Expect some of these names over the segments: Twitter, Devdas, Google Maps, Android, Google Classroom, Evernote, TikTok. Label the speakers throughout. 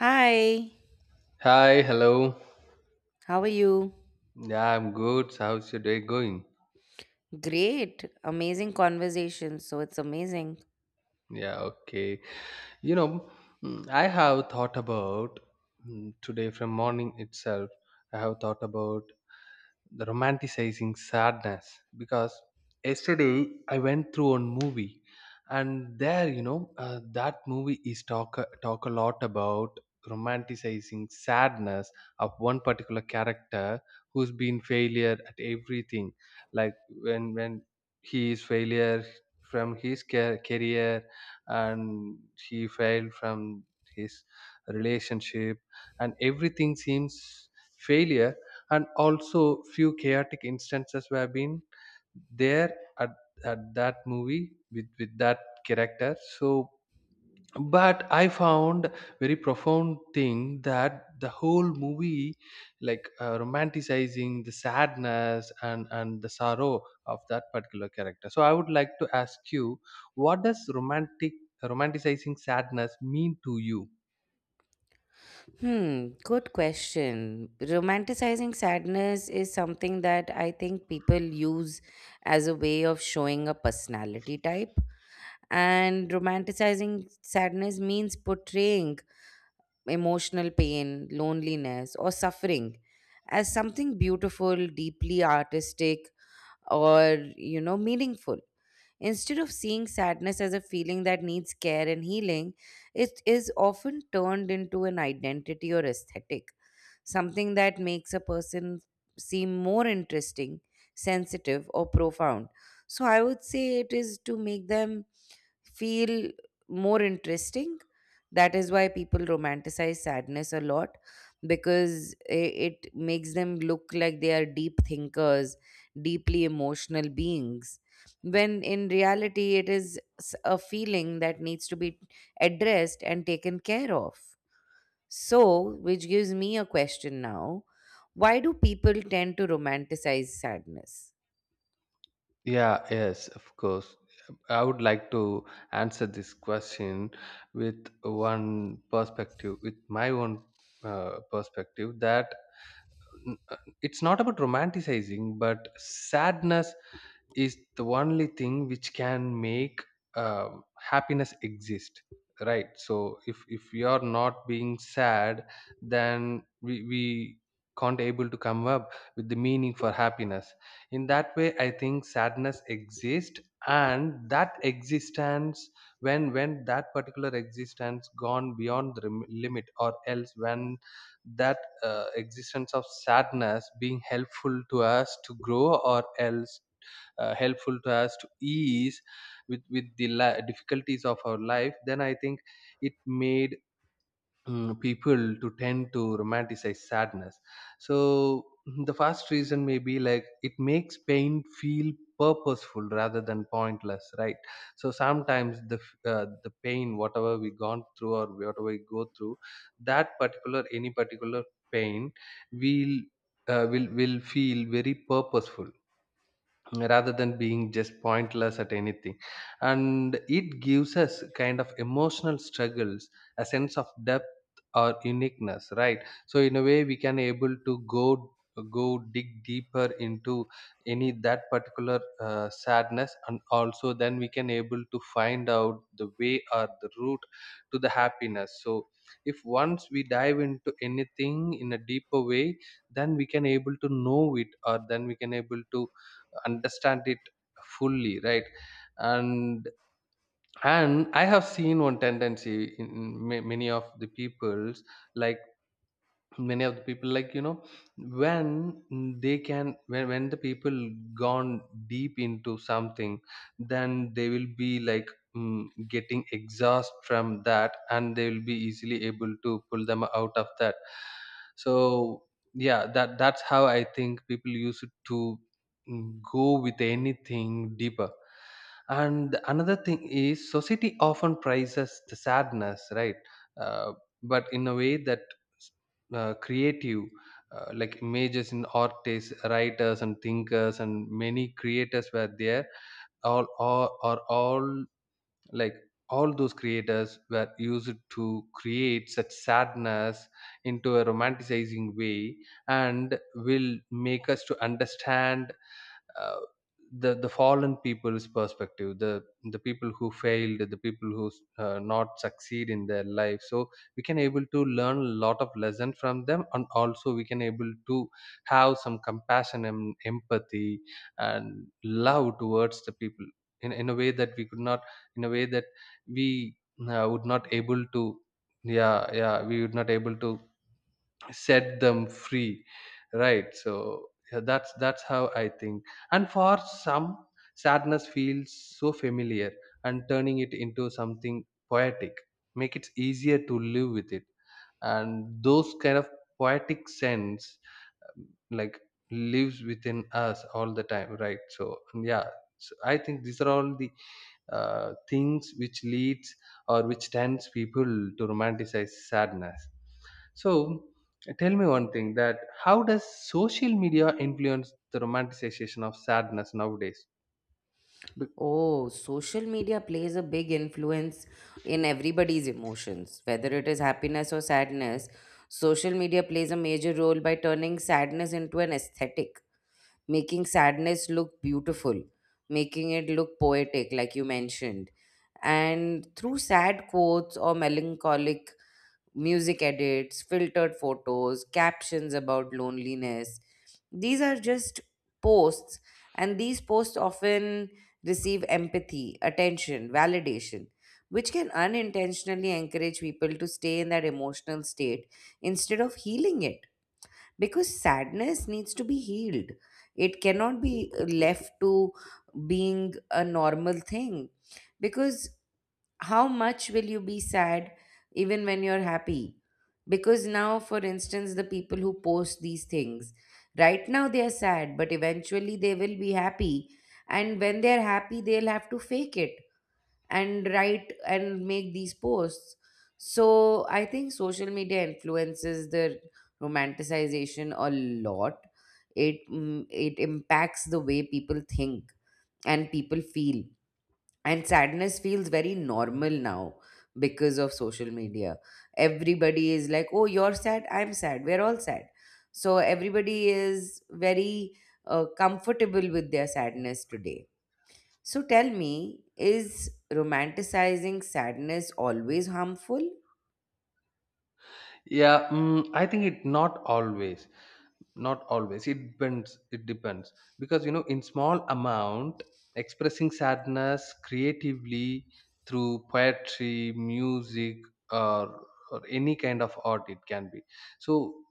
Speaker 1: Hi,
Speaker 2: Hi, hello.
Speaker 1: how are you?
Speaker 2: Yeah, I'm good. So how's your day going?
Speaker 1: Great, amazing conversation. So it's amazing.
Speaker 2: Yeah, okay. You know, I have thought about today from morning itself. I have thought about the romanticizing sadness because yesterday I went through one movie, and there, that movie is talk a lot about romanticizing sadness of one particular character who's been failure at everything, like when he is failure from his career, and he failed from his relationship, and everything seems failure. And also few chaotic instances were been there at, at that movie with that character. So but I found very profound thing that the whole movie, romanticizing the sadness and the sorrow of that particular character. So I would like to ask you, what does romanticizing sadness mean to you?
Speaker 1: Hmm, good question. Romanticizing sadness is something that I think people use as a way of showing a personality type. And romanticizing sadness means portraying emotional pain, loneliness, or suffering as something beautiful, deeply artistic, or, meaningful. Instead of seeing sadness as a feeling that needs care and healing, it is often turned into an identity or aesthetic, something that makes a person seem more interesting, sensitive, or profound. So I would say it is to make them feel more interesting. That is why people romanticize sadness a lot because it makes them look like they are deep thinkers, deeply emotional beings. When in reality, it is a feeling that needs to be addressed and taken care of. So, which gives me a question now, why do people tend to romanticize sadness?
Speaker 2: Yeah, yes, of course. I would like to answer this question with one perspective, with my own perspective, that n- uh, it's not about romanticizing, but sadness is the only thing which can make um, happiness exist, right? So if we are not being sad, then we can't able to come up with the meaning for happiness. In that way, I think sadness exists, and that existence, when that particular existence gone beyond the limit, or else when that existence of sadness being helpful to us to grow, or else helpful to us to ease with the difficulties of our life, then I think it made people to tend to romanticize sadness. So the first reason may be like it makes pain feel purposeful rather than pointless, right? So sometimes the pain, whatever we gone through or whatever we go through, that particular, any particular pain will, will feel very purposeful rather than being just pointless at anything. And it gives us kind of emotional struggles, a sense of depth or uniqueness, right? So in a way, we can able to go dig deeper into any, that particular sadness, and also then we can able to find out the way or the route to the happiness. So if once we dive into anything in a deeper way, then we can able to know it, or then we can able to understand it fully, right? and and I have seen one tendency in many of the peoples, like many of the people, like you know, when they can when the people gone deep into something, then they will be like, getting exhaust from that, and they will be easily able to pull them out of that. So yeah, that's how I think people used to, go with anything deeper. And another thing is society often prizes the sadness, right? uh, but in a way that creative, like images in artists, writers, and thinkers, and many creators were there, all, like, all those creators were used to create such sadness into a romanticizing way, and will make us to understand uh, the fallen people's perspective, the people who failed, the people who not succeed in their life. So we can able to learn a lot of lesson from them, and also we can able to have some compassion and empathy and love towards the people in a way that we could not, in a way that we would not able to, yeah, we would not able to set them free, right? So yeah, that's how I think. And for some, sadness feels so familiar, and turning it into something poetic make it easier to live with it. And those kind of poetic sense, like, lives within us all the time, right? So yeah, so I think these are all the things which leads or which tends people to romanticize sadness. So tell me one thing, that how does social media influence the romanticization of sadness nowadays? Be-
Speaker 1: Oh, social media plays a big influence in everybody's emotions, whether it is happiness or sadness. Social media plays a major role by turning sadness into an aesthetic, making sadness look beautiful, making it look poetic, like you mentioned. And through sad quotes or melancholic music edits, filtered photos, captions about loneliness. These are just posts, and these posts often receive empathy, attention, validation, which can unintentionally encourage people to stay in that emotional state instead of healing it. Because sadness needs to be healed, it cannot be left to being a normal thing. Because how much will you be sad even when you're happy? Because now, for instance, the people who post these things right now they are sad, but eventually they will be happy, and when they're happy they'll have to fake it and write and make these posts. So I think social media influences the romanticization a lot. It impacts the way people think and people feel, and sadness feels very normal now because of social media. Everybody is like, oh, you're sad, I'm sad, we're all sad. So everybody is very comfortable with their sadness today. So tell me, is romanticizing sadness always harmful?
Speaker 2: Yeah, I think it not always, not always. It depends. It depends. Because you know, in small amount, expressing sadness creatively through poetry, music, or any kind of art, it can be. So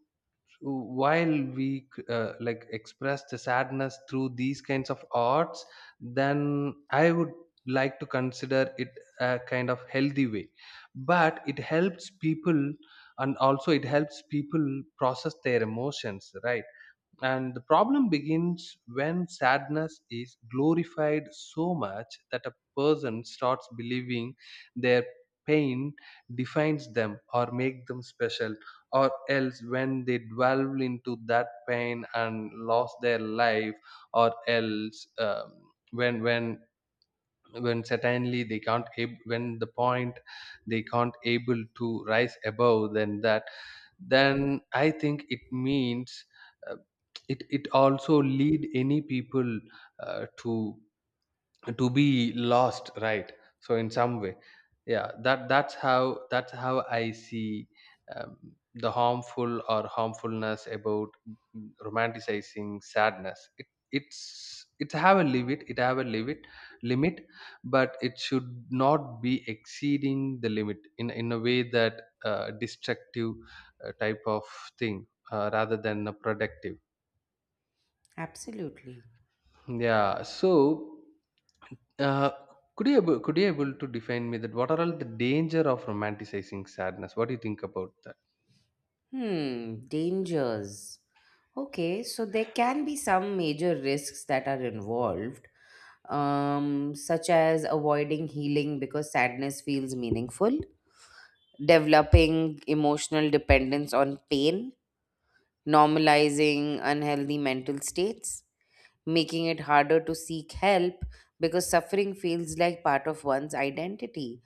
Speaker 2: while we like express the sadness through these kinds of arts, then I would like to consider it a kind of healthy way. But it helps people, and also it helps people process their emotions, right? And the problem begins when sadness is glorified so much that a person starts believing their pain defines them or make them special, or else when they dwell into that pain and lost their life, or else when when when certainly they can't ab- when the point they can't able to rise above than that, then I think it means, uh, it it also lead any people uh, to to be lost, right? So in some way, yeah, that's how, that's how I see um, the harmful or harmfulness about, romanticizing sadness. It's, it have a limit, it have a limit, limit but it should not be exceeding the limit in a way that, destructive type of thing, rather than a productive.
Speaker 1: Absolutely.
Speaker 2: Yeah. So, uh, could you able to define me that what are all the danger of romanticizing sadness? What do you think about that?
Speaker 1: Hmm, dangers. Okay, so there can be some major risks that are involved, such as avoiding healing because sadness feels meaningful, developing emotional dependence on pain, normalizing unhealthy mental states, making it harder to seek help because suffering feels like part of one's identity.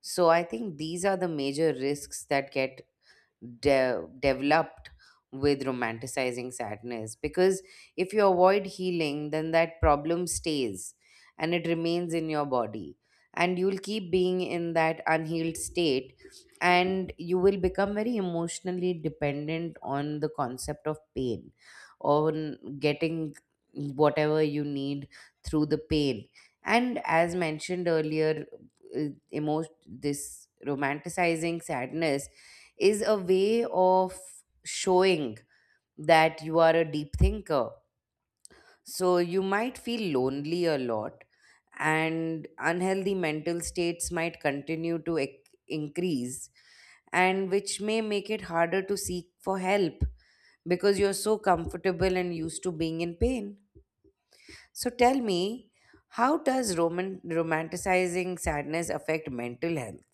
Speaker 1: So I think these are the major risks that get developed with romanticizing sadness, because if you avoid healing then that problem stays and it remains in your body, and you'll keep being in that unhealed state, and you will become very emotionally dependent on the concept of pain, on getting whatever you need through the pain. And as mentioned earlier, uh, this romanticizing sadness is a way of showing that you are a deep thinker. So you might feel lonely a lot, and unhealthy mental states might continue to increase, and which may make it harder to seek for help because you're so comfortable and used to being in pain. So tell me, how does romanticizing sadness affect mental health?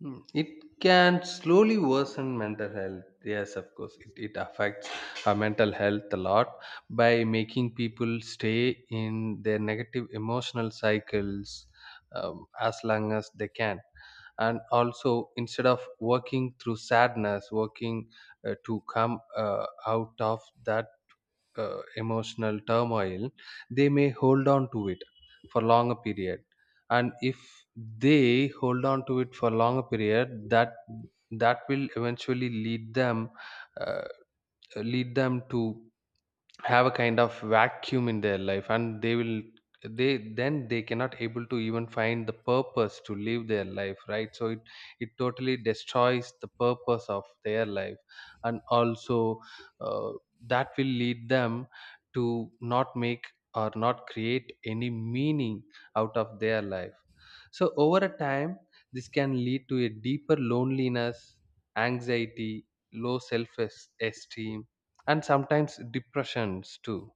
Speaker 2: Hmm. It can slowly worsen mental health. Yes, of course, it affects our mental health a lot by making people stay in their negative emotional cycles as long as they can. And also, instead of working through sadness, working to come out of that emotional turmoil, they may hold on to it for longer period. And if they hold on to it for longer period, that will eventually lead them, uh, lead them to have a kind of vacuum in their life. And they will, they then they cannot able to even find the purpose to live their life, right? So it totally destroys the purpose of their life. And also uh, that will lead them to not make or not create any meaning out of their life. So over a time, this can lead to a deeper loneliness, anxiety, low self esteem, and sometimes depressions too.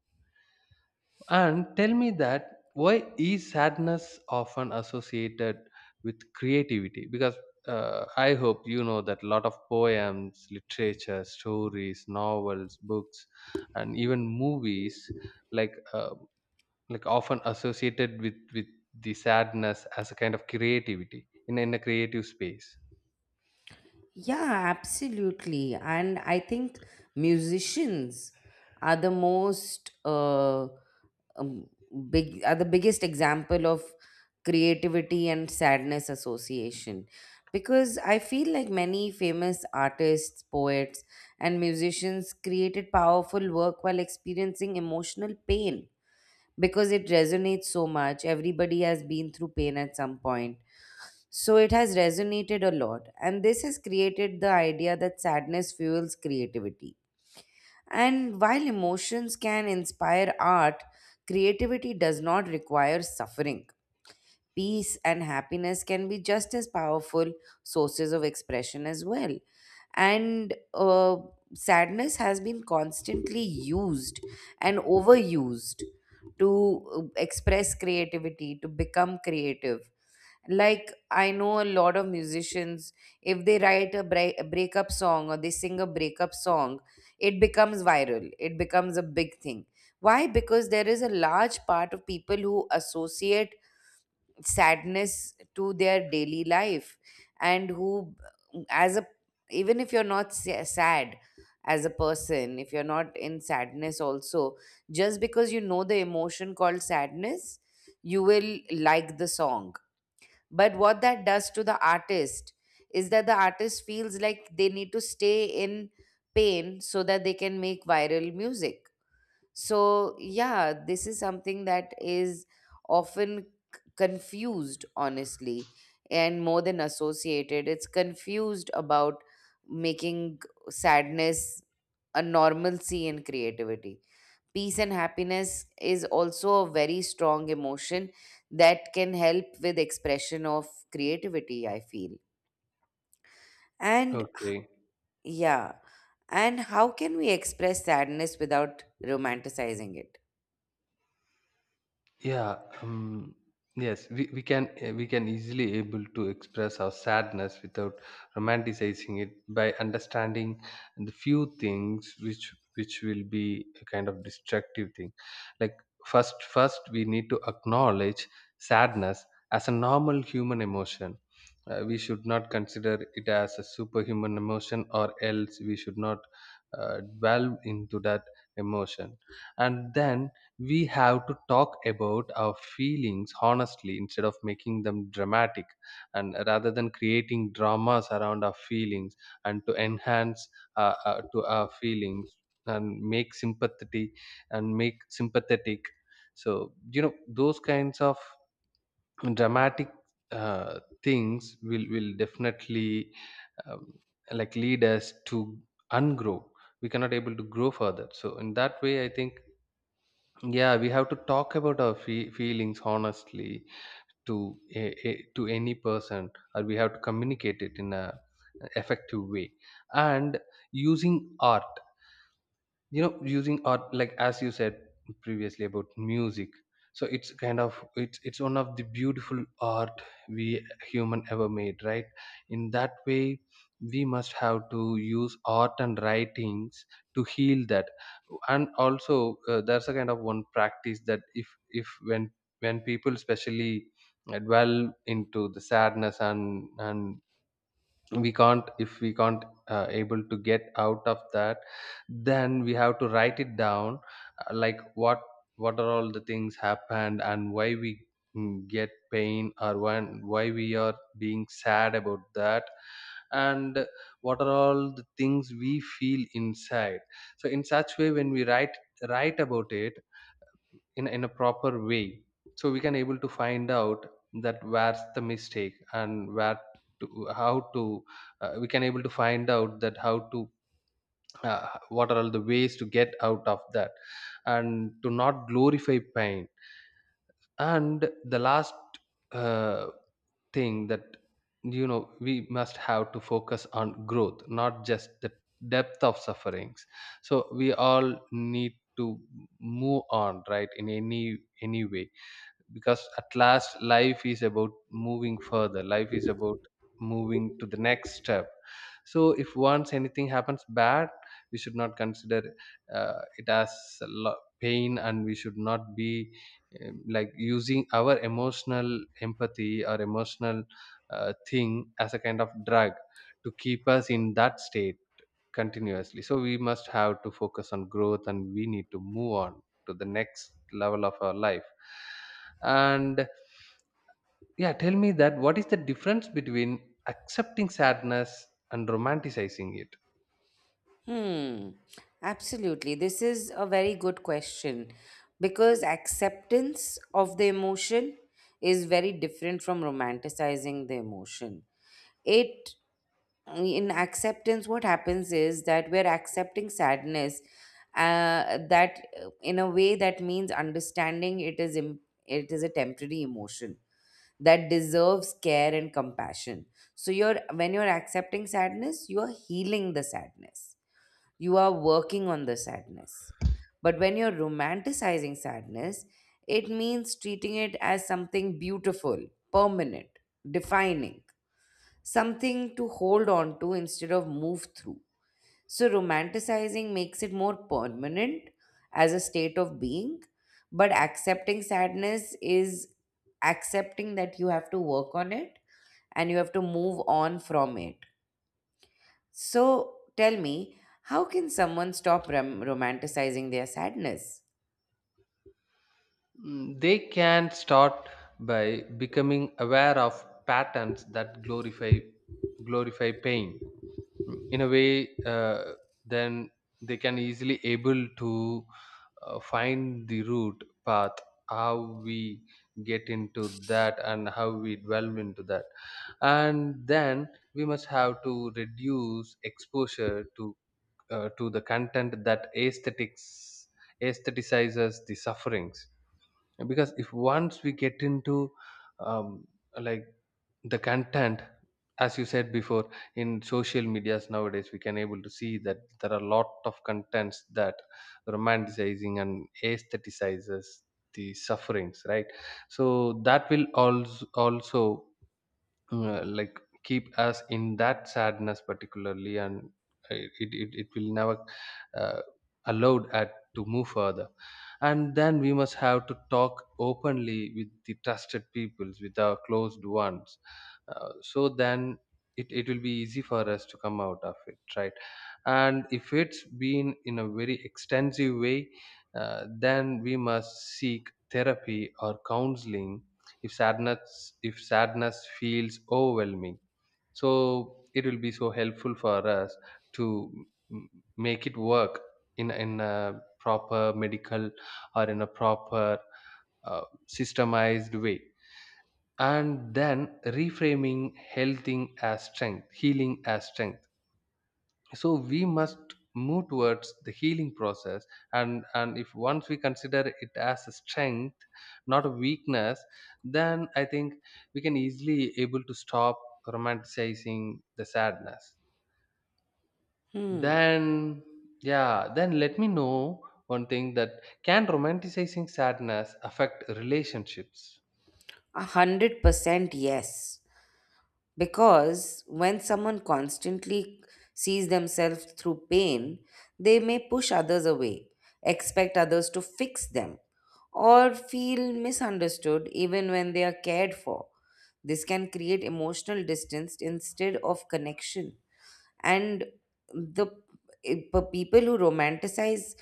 Speaker 2: And tell me that, why is sadness often associated with creativity? Because I hope you know that a lot of poems, literature, stories, novels, books, and even movies, like uh, like, often associated with the sadness as a kind of creativity in a creative space.
Speaker 1: Yeah, absolutely. And I think musicians are the most um, big are the biggest example of creativity and sadness association, because I feel like many famous artists, poets, and musicians created powerful work while experiencing emotional pain because it resonates so much. Everybody has been through pain at some point. So it has resonated a lot. And this has created the idea that sadness fuels creativity. And while emotions can inspire art, creativity does not require suffering. Peace and happiness can be just as powerful sources of expression as well. And sadness has been constantly used and overused to express creativity, to become creative. Like, I know a lot of musicians, if they write a breakup song, or they sing a breakup song, it becomes viral, it becomes a big thing. Why? Because there is a large part of people who associate sadness to their daily life, and who, as a, even if you're not sad as a person, if you're not in sadness also, just because you know the emotion called sadness, you will like the song. But what that does to the artist is that the artist feels like they need to stay in pain so that they can make viral music. So, yeah, this is something that is often confused, honestly, and more than associated. It's confused about making sadness a normalcy in creativity. Peace and happiness is also a very strong emotion that can help with expression of creativity, I feel. And
Speaker 2: Okay.
Speaker 1: yeah, and how can we express sadness without romanticizing it?
Speaker 2: Yeah, yes, we can, we can easily able to express our sadness without romanticizing it by understanding the few things which will be a kind of destructive thing. Like, first we need to acknowledge sadness as a normal human emotion. We should not consider it as a superhuman emotion, or else we should not dwell into that emotion. And then we have to talk about our feelings honestly, instead of making them dramatic, and rather than creating dramas around our feelings and to enhance, to our feelings, and make sympathy and make sympathetic. So you know, those kinds of dramatic things will definitely, um, like, lead us to ungrow, we cannot able to grow further. So in that way, I think, yeah, we have to talk about our feelings honestly to to any person, or we have to communicate it in a effective way. And using art, you know, using art, like as you said previously about music, so it's kind of, it's one of the beautiful art we human ever made, right? In that way, we must have to use art and writings to heal that. And also, there's a kind of one practice, that if when when people, especially dwell into the sadness, and we can't, if we can't able to get out of that, then we have to write it down, like, what are all the things happened, and why we get pain, or when, why we are being sad about that, and what are all the things we feel inside. So in such way, when we write about it in a proper way, so we can able to find out that where's the mistake, and where to, how to, we can able to find out that how to, what are all the ways to get out of that, and to not glorify pain. And the last uh, thing, that, you know, we must have to focus on growth, not just the depth of sufferings. So we all need to move on, right? In any way. Because at last, life is about moving further, life is about moving to the next step. So if once anything happens bad, we should not consider it as a pain, and we should not be like using our emotional empathy or emotional thing as a kind of drug to keep us in that state continuously. So we must have to focus on growth, and we need to move on to the next level of our life. And yeah, tell me, that what is the difference between accepting sadness and romanticizing it?
Speaker 1: Hmm, absolutely. This is a very good question because acceptance of the emotion is very different from romanticizing the emotion. It, in acceptance, what happens is that we're accepting sadness, that in a way that means understanding it is a temporary emotion that deserves care and compassion. So you're, when you're accepting sadness, you are healing the sadness, you are working on the sadness. But when you're romanticizing sadness, it means treating it as something beautiful, permanent, defining, something to hold on to instead of move through. So, romanticizing makes it more permanent as a state of being, but accepting sadness is accepting that you have to work on it and you have to move on from it. So tell me, how can someone stop romanticizing their sadness?
Speaker 2: Mm, they can start by becoming aware of patterns that glorify pain. Mm, in a way, then they can easily able to find the root path, how we get into that and how we delve into that. And then we must have to reduce exposure to the content that aesthetics aestheticizes the sufferings. Because if once we get into um, like the content, as you said before, in social medias nowadays, we can able to see that there are a lot of contents that romanticizing and aestheticizes the sufferings, right? So that will also like keep us in that sadness particularly, and it will never uh, allowed at to move further. And then we must have to talk openly with the trusted peoples, with our closed ones, so then it will be easy for us to come out of it, right? And if it's been in a very extensive way, then we must seek therapy or counseling if sadness, if sadness feels overwhelming. So it will be so helpful for us to m- make it work in a proper medical or in a proper uh, systemized way. And then reframing healing as strength, healing as strength. So we must move towards the healing process. And if once we consider it as a strength, not a weakness, then I think we can easily able to stop romanticizing the sadness.
Speaker 1: Hmm,
Speaker 2: Then yeah, then let me know one thing that can romanticizing sadness affect relationships?
Speaker 1: 100% yes. Because when someone constantly sees themselves through pain, they may push others away, expect others to fix them, or feel misunderstood even when they are cared for. This can create emotional distance instead of connection. And the people who romanticize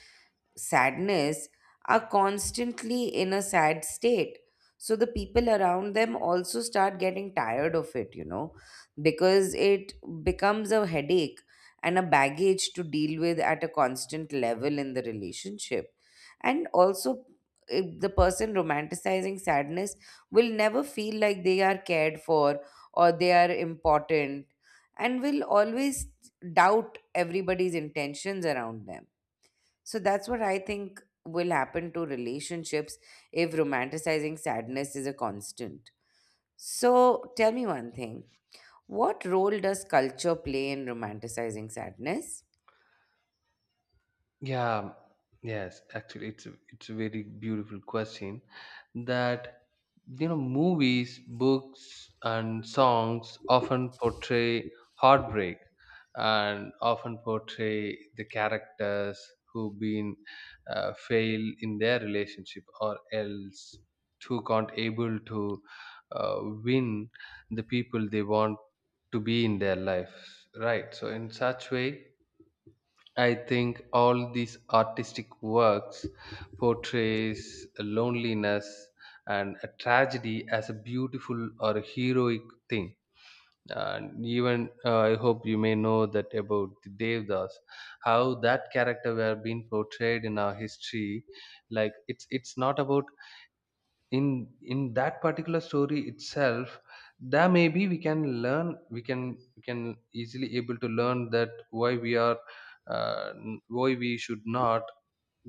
Speaker 1: sadness are constantly in a sad state, so the people around them also start getting tired of it, you know, because it becomes a headache and a baggage to deal with at a constant level in the relationship. And also, if the person romanticizing sadness will never feel like they are cared for or they are important, and will always doubt everybody's intentions around them. So that's what I think will happen to relationships if romanticizing sadness is a constant. So tell me one thing, what role does culture play in romanticizing sadness?
Speaker 2: Yeah, yes, actually, it's a very beautiful question that, you know, movies, books, and songs often portray heartbreak, and often portray the characters who've been fail in their relationship, or else who can't able to win the people they want to be in their lives, right? So in such way, I think all these artistic works portrays loneliness and a tragedy as a beautiful or a heroic thing. And even I hope you may know that about the Devdas, how that character were being portrayed in our history. Like, it's not about, in that particular story itself, there maybe we can learn, we can easily able to learn that why we are why we should not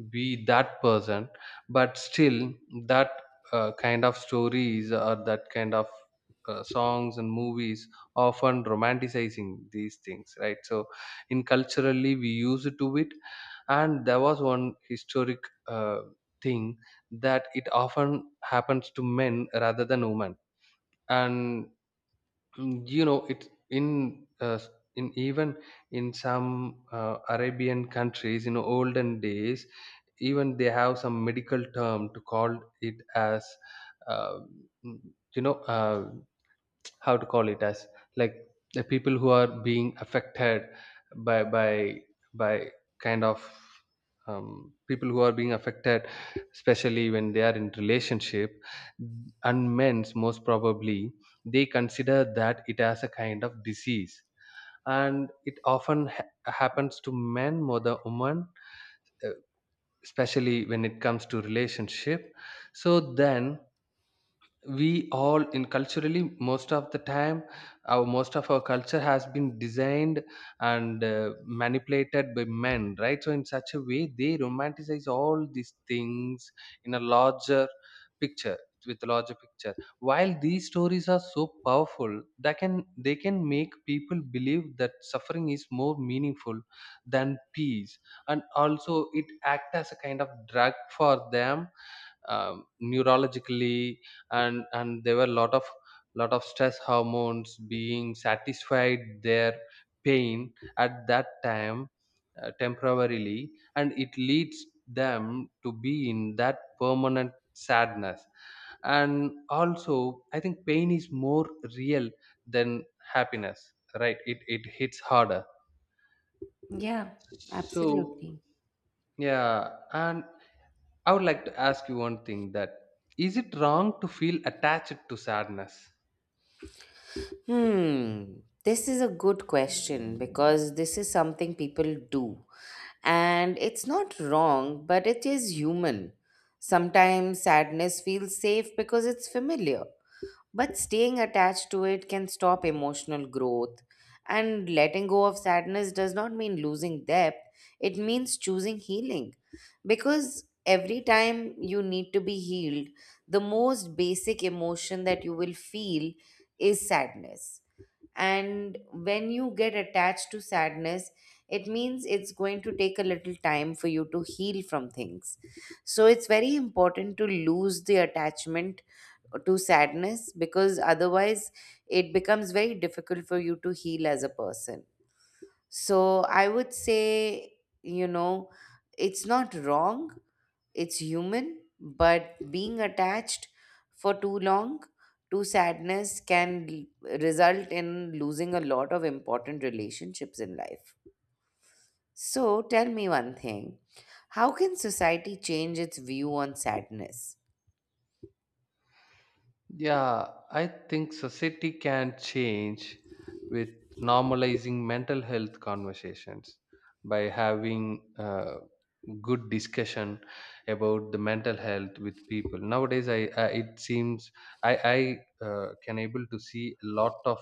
Speaker 2: be that person. But still, that kind of stories, or that kind of songs and movies often romanticizing these things, right? So in culturally we used to it. And there was one historic uh, thing, that it often happens to men rather than women. And mm, you know, it's in in even in some arabian countries in olden days, even they have some medical term to call it as, uh, mm, you know, how to call it as, like, the people who are being affected by by by kind of, people who are being affected especially when they are in relationship. And men's most probably, they consider that it as a kind of disease, and it often happens to men more than women, uh, especially when it comes to relationship. So then we all in culturally, most of the time, our most of our culture has been designed and manipulated by men, right? So in such a way, they romanticize all these things in a larger picture, with a larger picture. While these stories are so powerful that can they can make people believe that suffering is more meaningful than peace. And also it act as a kind of drug for them, neurologically. And there were a lot of stress hormones being satisfied their pain at that time, temporarily, and it leads them to be in that permanent sadness. And also I think pain is more real than happiness, right? It hits harder.
Speaker 1: Yeah,
Speaker 2: So
Speaker 1: absolutely.
Speaker 2: yeah, and I would like to ask you one thing, that is it wrong to feel attached to sadness?
Speaker 1: Hmm, this is a good question because this is something people do. And it's not wrong, but it is human. Sometimes sadness feels safe because it's familiar, but staying attached to it can stop emotional growth. And letting go of sadness does not mean losing depth, it means choosing healing. Because every time you need to be healed, the most basic emotion that you will feel is sadness, and when you get attached to sadness it means it's going to take a little time for you to heal from things. So it's very important to lose the attachment to sadness, because otherwise it becomes very difficult for you to heal as a person. So I would say, you know, it's not wrong, it's human, but being attached for too long to sadness can result in losing a lot of important relationships in life. So tell me one thing. How can society change its view on sadness?
Speaker 2: Yeah, I think society can change with normalizing mental health conversations, by having good discussion about the mental health with people. Nowadays, I it seems I I can able to see a lot of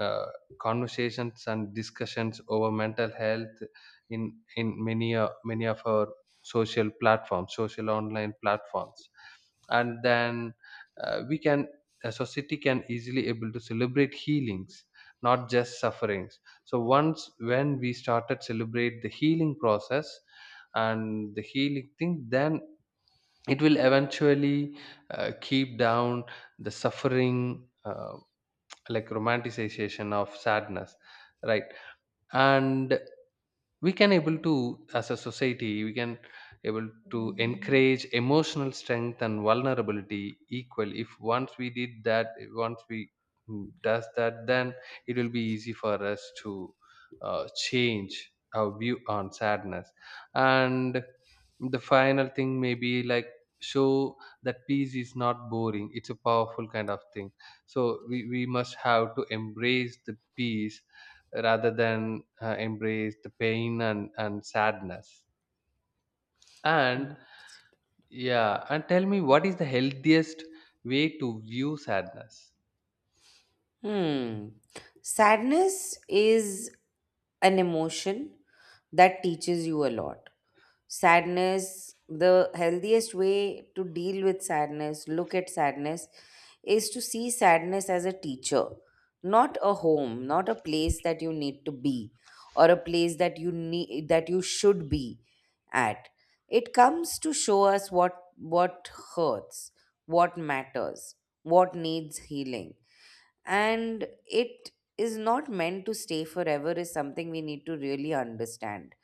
Speaker 2: uh, conversations and discussions over mental health in many many of our social platforms, social online platforms. And then we can, a society can easily able to celebrate healings, not just sufferings. So once when we started celebrate the healing process and the healing thing, then it will eventually keep down the suffering, like romanticization of sadness, right? And we can able to, as a society we can able to encourage emotional strength and vulnerability equal. If once we did that, once we mm, does that, then it will be easy for us to change our view on sadness. And the final thing may be like, show that peace is not boring, it's a powerful kind of thing. So we must have to embrace the peace rather than embrace the pain and sadness. And yeah, and tell me, what is the healthiest way to view sadness?
Speaker 1: Hmm. Sadness is an emotion that teaches you a lot. Sadness, the healthiest way to deal with sadness, look at sadness, is to see sadness as a teacher, not a home, not a place that you need to be, or a place that you need that you should be at. It comes to show us what hurts, what matters, what needs healing, and it is not meant to stay forever, is something we need to really understand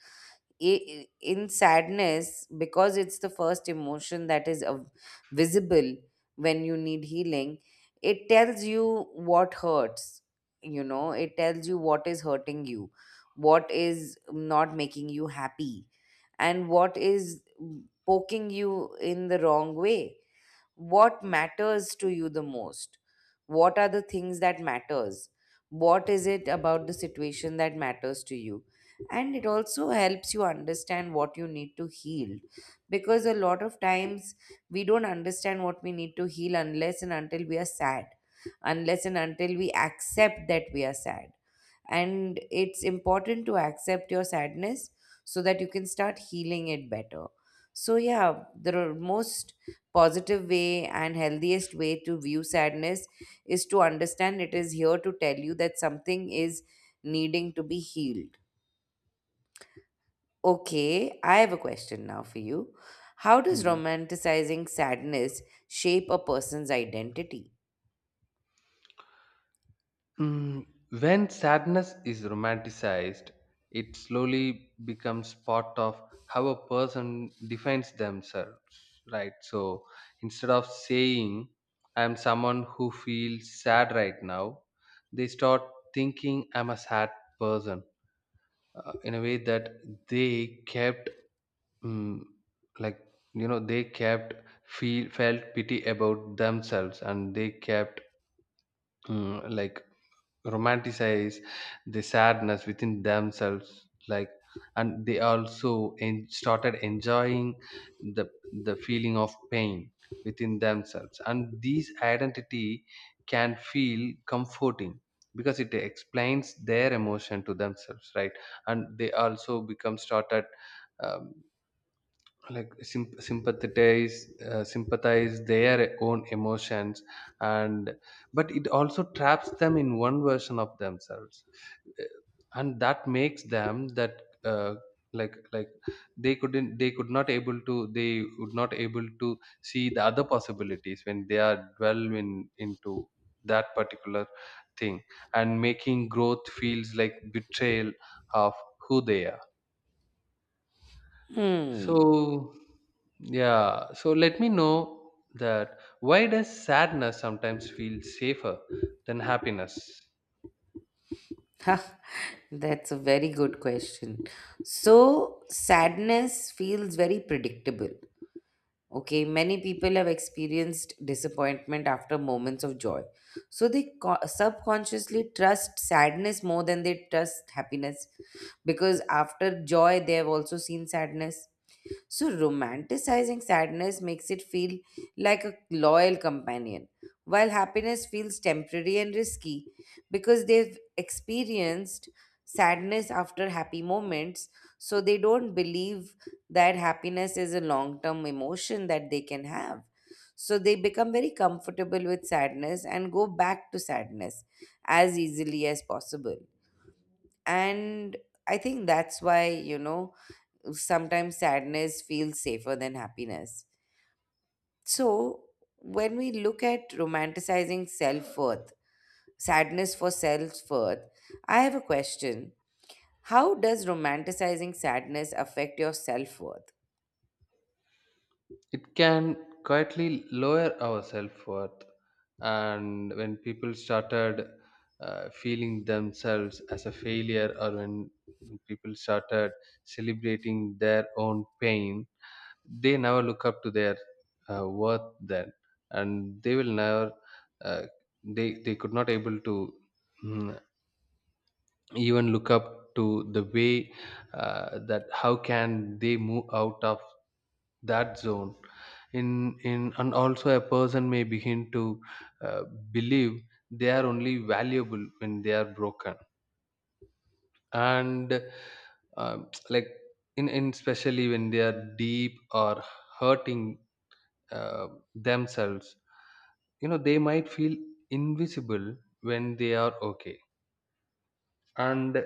Speaker 1: in sadness because it's the first emotion that is visible when you need healing. It tells you what hurts. You know, it tells you what is hurting you, what is not making you happy, and what is poking you in the wrong way. What matters to you the most, what are the things that matters, what is it about the situation that matters to you. And it also helps you understand what you need to heal, because a lot of times we don't understand what we need to heal unless and until we are sad, unless and until we accept that we are sad. And it's important to accept your sadness so that you can start healing it better. So yeah, the most positive way and healthiest way to view sadness is to understand it is here to tell you that something is needing to be healed. Okay, I have a question now for you. How does
Speaker 2: Hmm.
Speaker 1: romanticizing sadness shape a person's identity?
Speaker 2: Mm, when sadness is romanticized, it slowly becomes part of how a person defines themselves, right? So instead of saying, I'm someone who feels sad right now, they start thinking, I'm a sad person. In a way that they kept, mm, like, you know, they kept feel felt pity about themselves, and they kept, mm, like, romanticize the sadness within themselves, like. And they also started enjoying the the feeling of pain within themselves. And these identity can feel comforting because it explains their emotion to themselves, right? And they also become started um, like sympathize, sympathize their own emotions. And but it also traps them in one version of themselves. Uh, and that makes them, that, uh, like, they couldn't, they could not able to, they would not able to see the other possibilities when they are dwell in into that particular thing, and making growth feels like betrayal of who they are.
Speaker 1: Hmm.
Speaker 2: So, yeah, so let me know, that why does sadness sometimes feel safer than happiness?
Speaker 1: That's a very good question. So, sadness feels very predictable. Okay, many people have experienced disappointment after moments of joy. So they subconsciously trust sadness more than they trust happiness because after joy, they have also seen sadness. So, romanticizing sadness makes it feel like a loyal companion, while happiness feels temporary and risky because they've experienced sadness after happy moments. So, they don't believe that happiness is a long term emotion that they can have. So, they become very comfortable with sadness and go back to sadness as easily as possible. And I think that's why, you know, sometimes sadness feels safer than happiness. So, when we look at romanticizing self worth, sadness for self worth, I have a question. How does romanticizing sadness affect your self worth?
Speaker 2: It can quietly lower our self worth. And when people started feeling themselves as a failure, or when people started celebrating their own pain, they never look up to their worth then. And they will never uh, they could not able to, mm, even look up to the way that how can they move out of that zone. in in, and also a person may begin to uh, believe they are only valuable when they are broken. And like, in especially when they are deep or hurting uh, themselves, you know, they might feel invisible when they are okay. And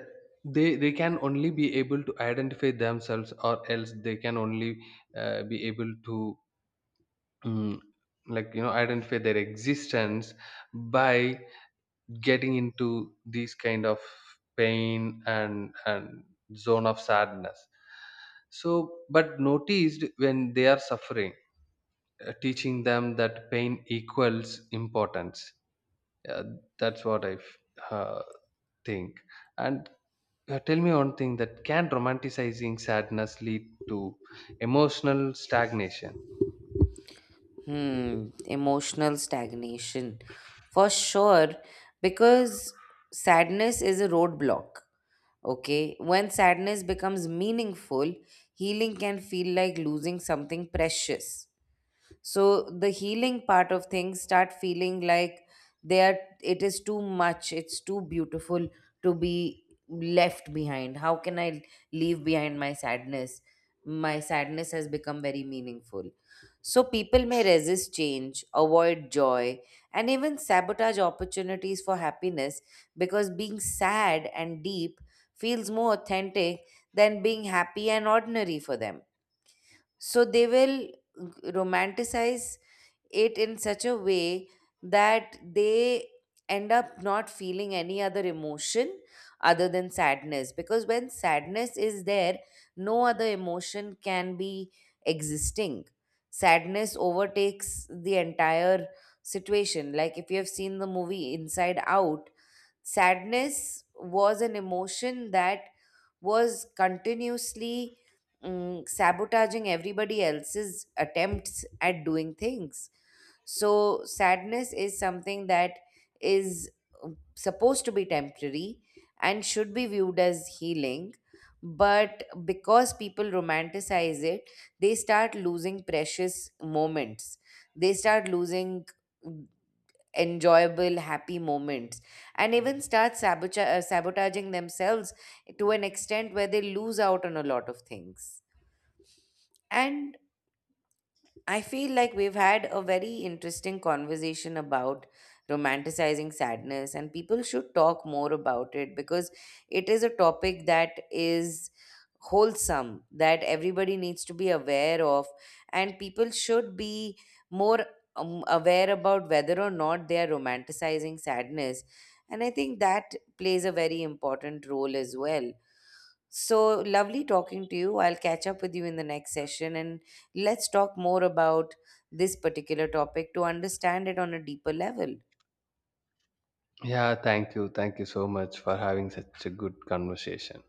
Speaker 2: they can only be able to identify themselves, or else they can only be able to, mm, like, you know, identify their existence by getting into these kind of pain and zone of sadness. So but noticed when they are suffering, teaching them that pain equals importance. Uh, that's what I uh, think. And tell me one thing, that can romanticizing sadness lead to emotional stagnation?
Speaker 1: Hmm, emotional stagnation. For sure, because sadness is a roadblock. Okay, when sadness becomes meaningful, healing can feel like losing something precious. So the healing part of things start feeling like they are, it is too much, it's too beautiful to be left behind. How can I leave behind my sadness? My sadness has become very meaningful. So people may resist change, avoid joy, and even sabotage opportunities for happiness because being sad and deep feels more authentic than being happy and ordinary for them. So they will romanticize it in such a way that they end up not feeling any other emotion other than sadness, because when sadness is there no other emotion can be existing. Sadness overtakes the entire situation. Like, if you have seen the movie Inside Out, sadness was an emotion that was continuously sabotaging everybody else's attempts at doing things. So, sadness is something that is supposed to be temporary and should be viewed as healing. But because people romanticize it, they start losing precious moments. They start losing mm, enjoyable, happy moments, and even start sabotaging themselves to an extent where they lose out on a lot of things. And I feel like we've had a very interesting conversation about romanticizing sadness, and people should talk more about it because it is a topic that is wholesome, that everybody needs to be aware of, and people should be more aware about whether or not they are romanticizing sadness. And I think that plays a very important role as well. So lovely talking to you. I'll catch up with you in the next session, and let's talk more about this particular topic to understand it on a deeper level.
Speaker 2: Yeah, thank you. Thank you so much for having such a good conversation.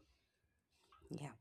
Speaker 1: Yeah.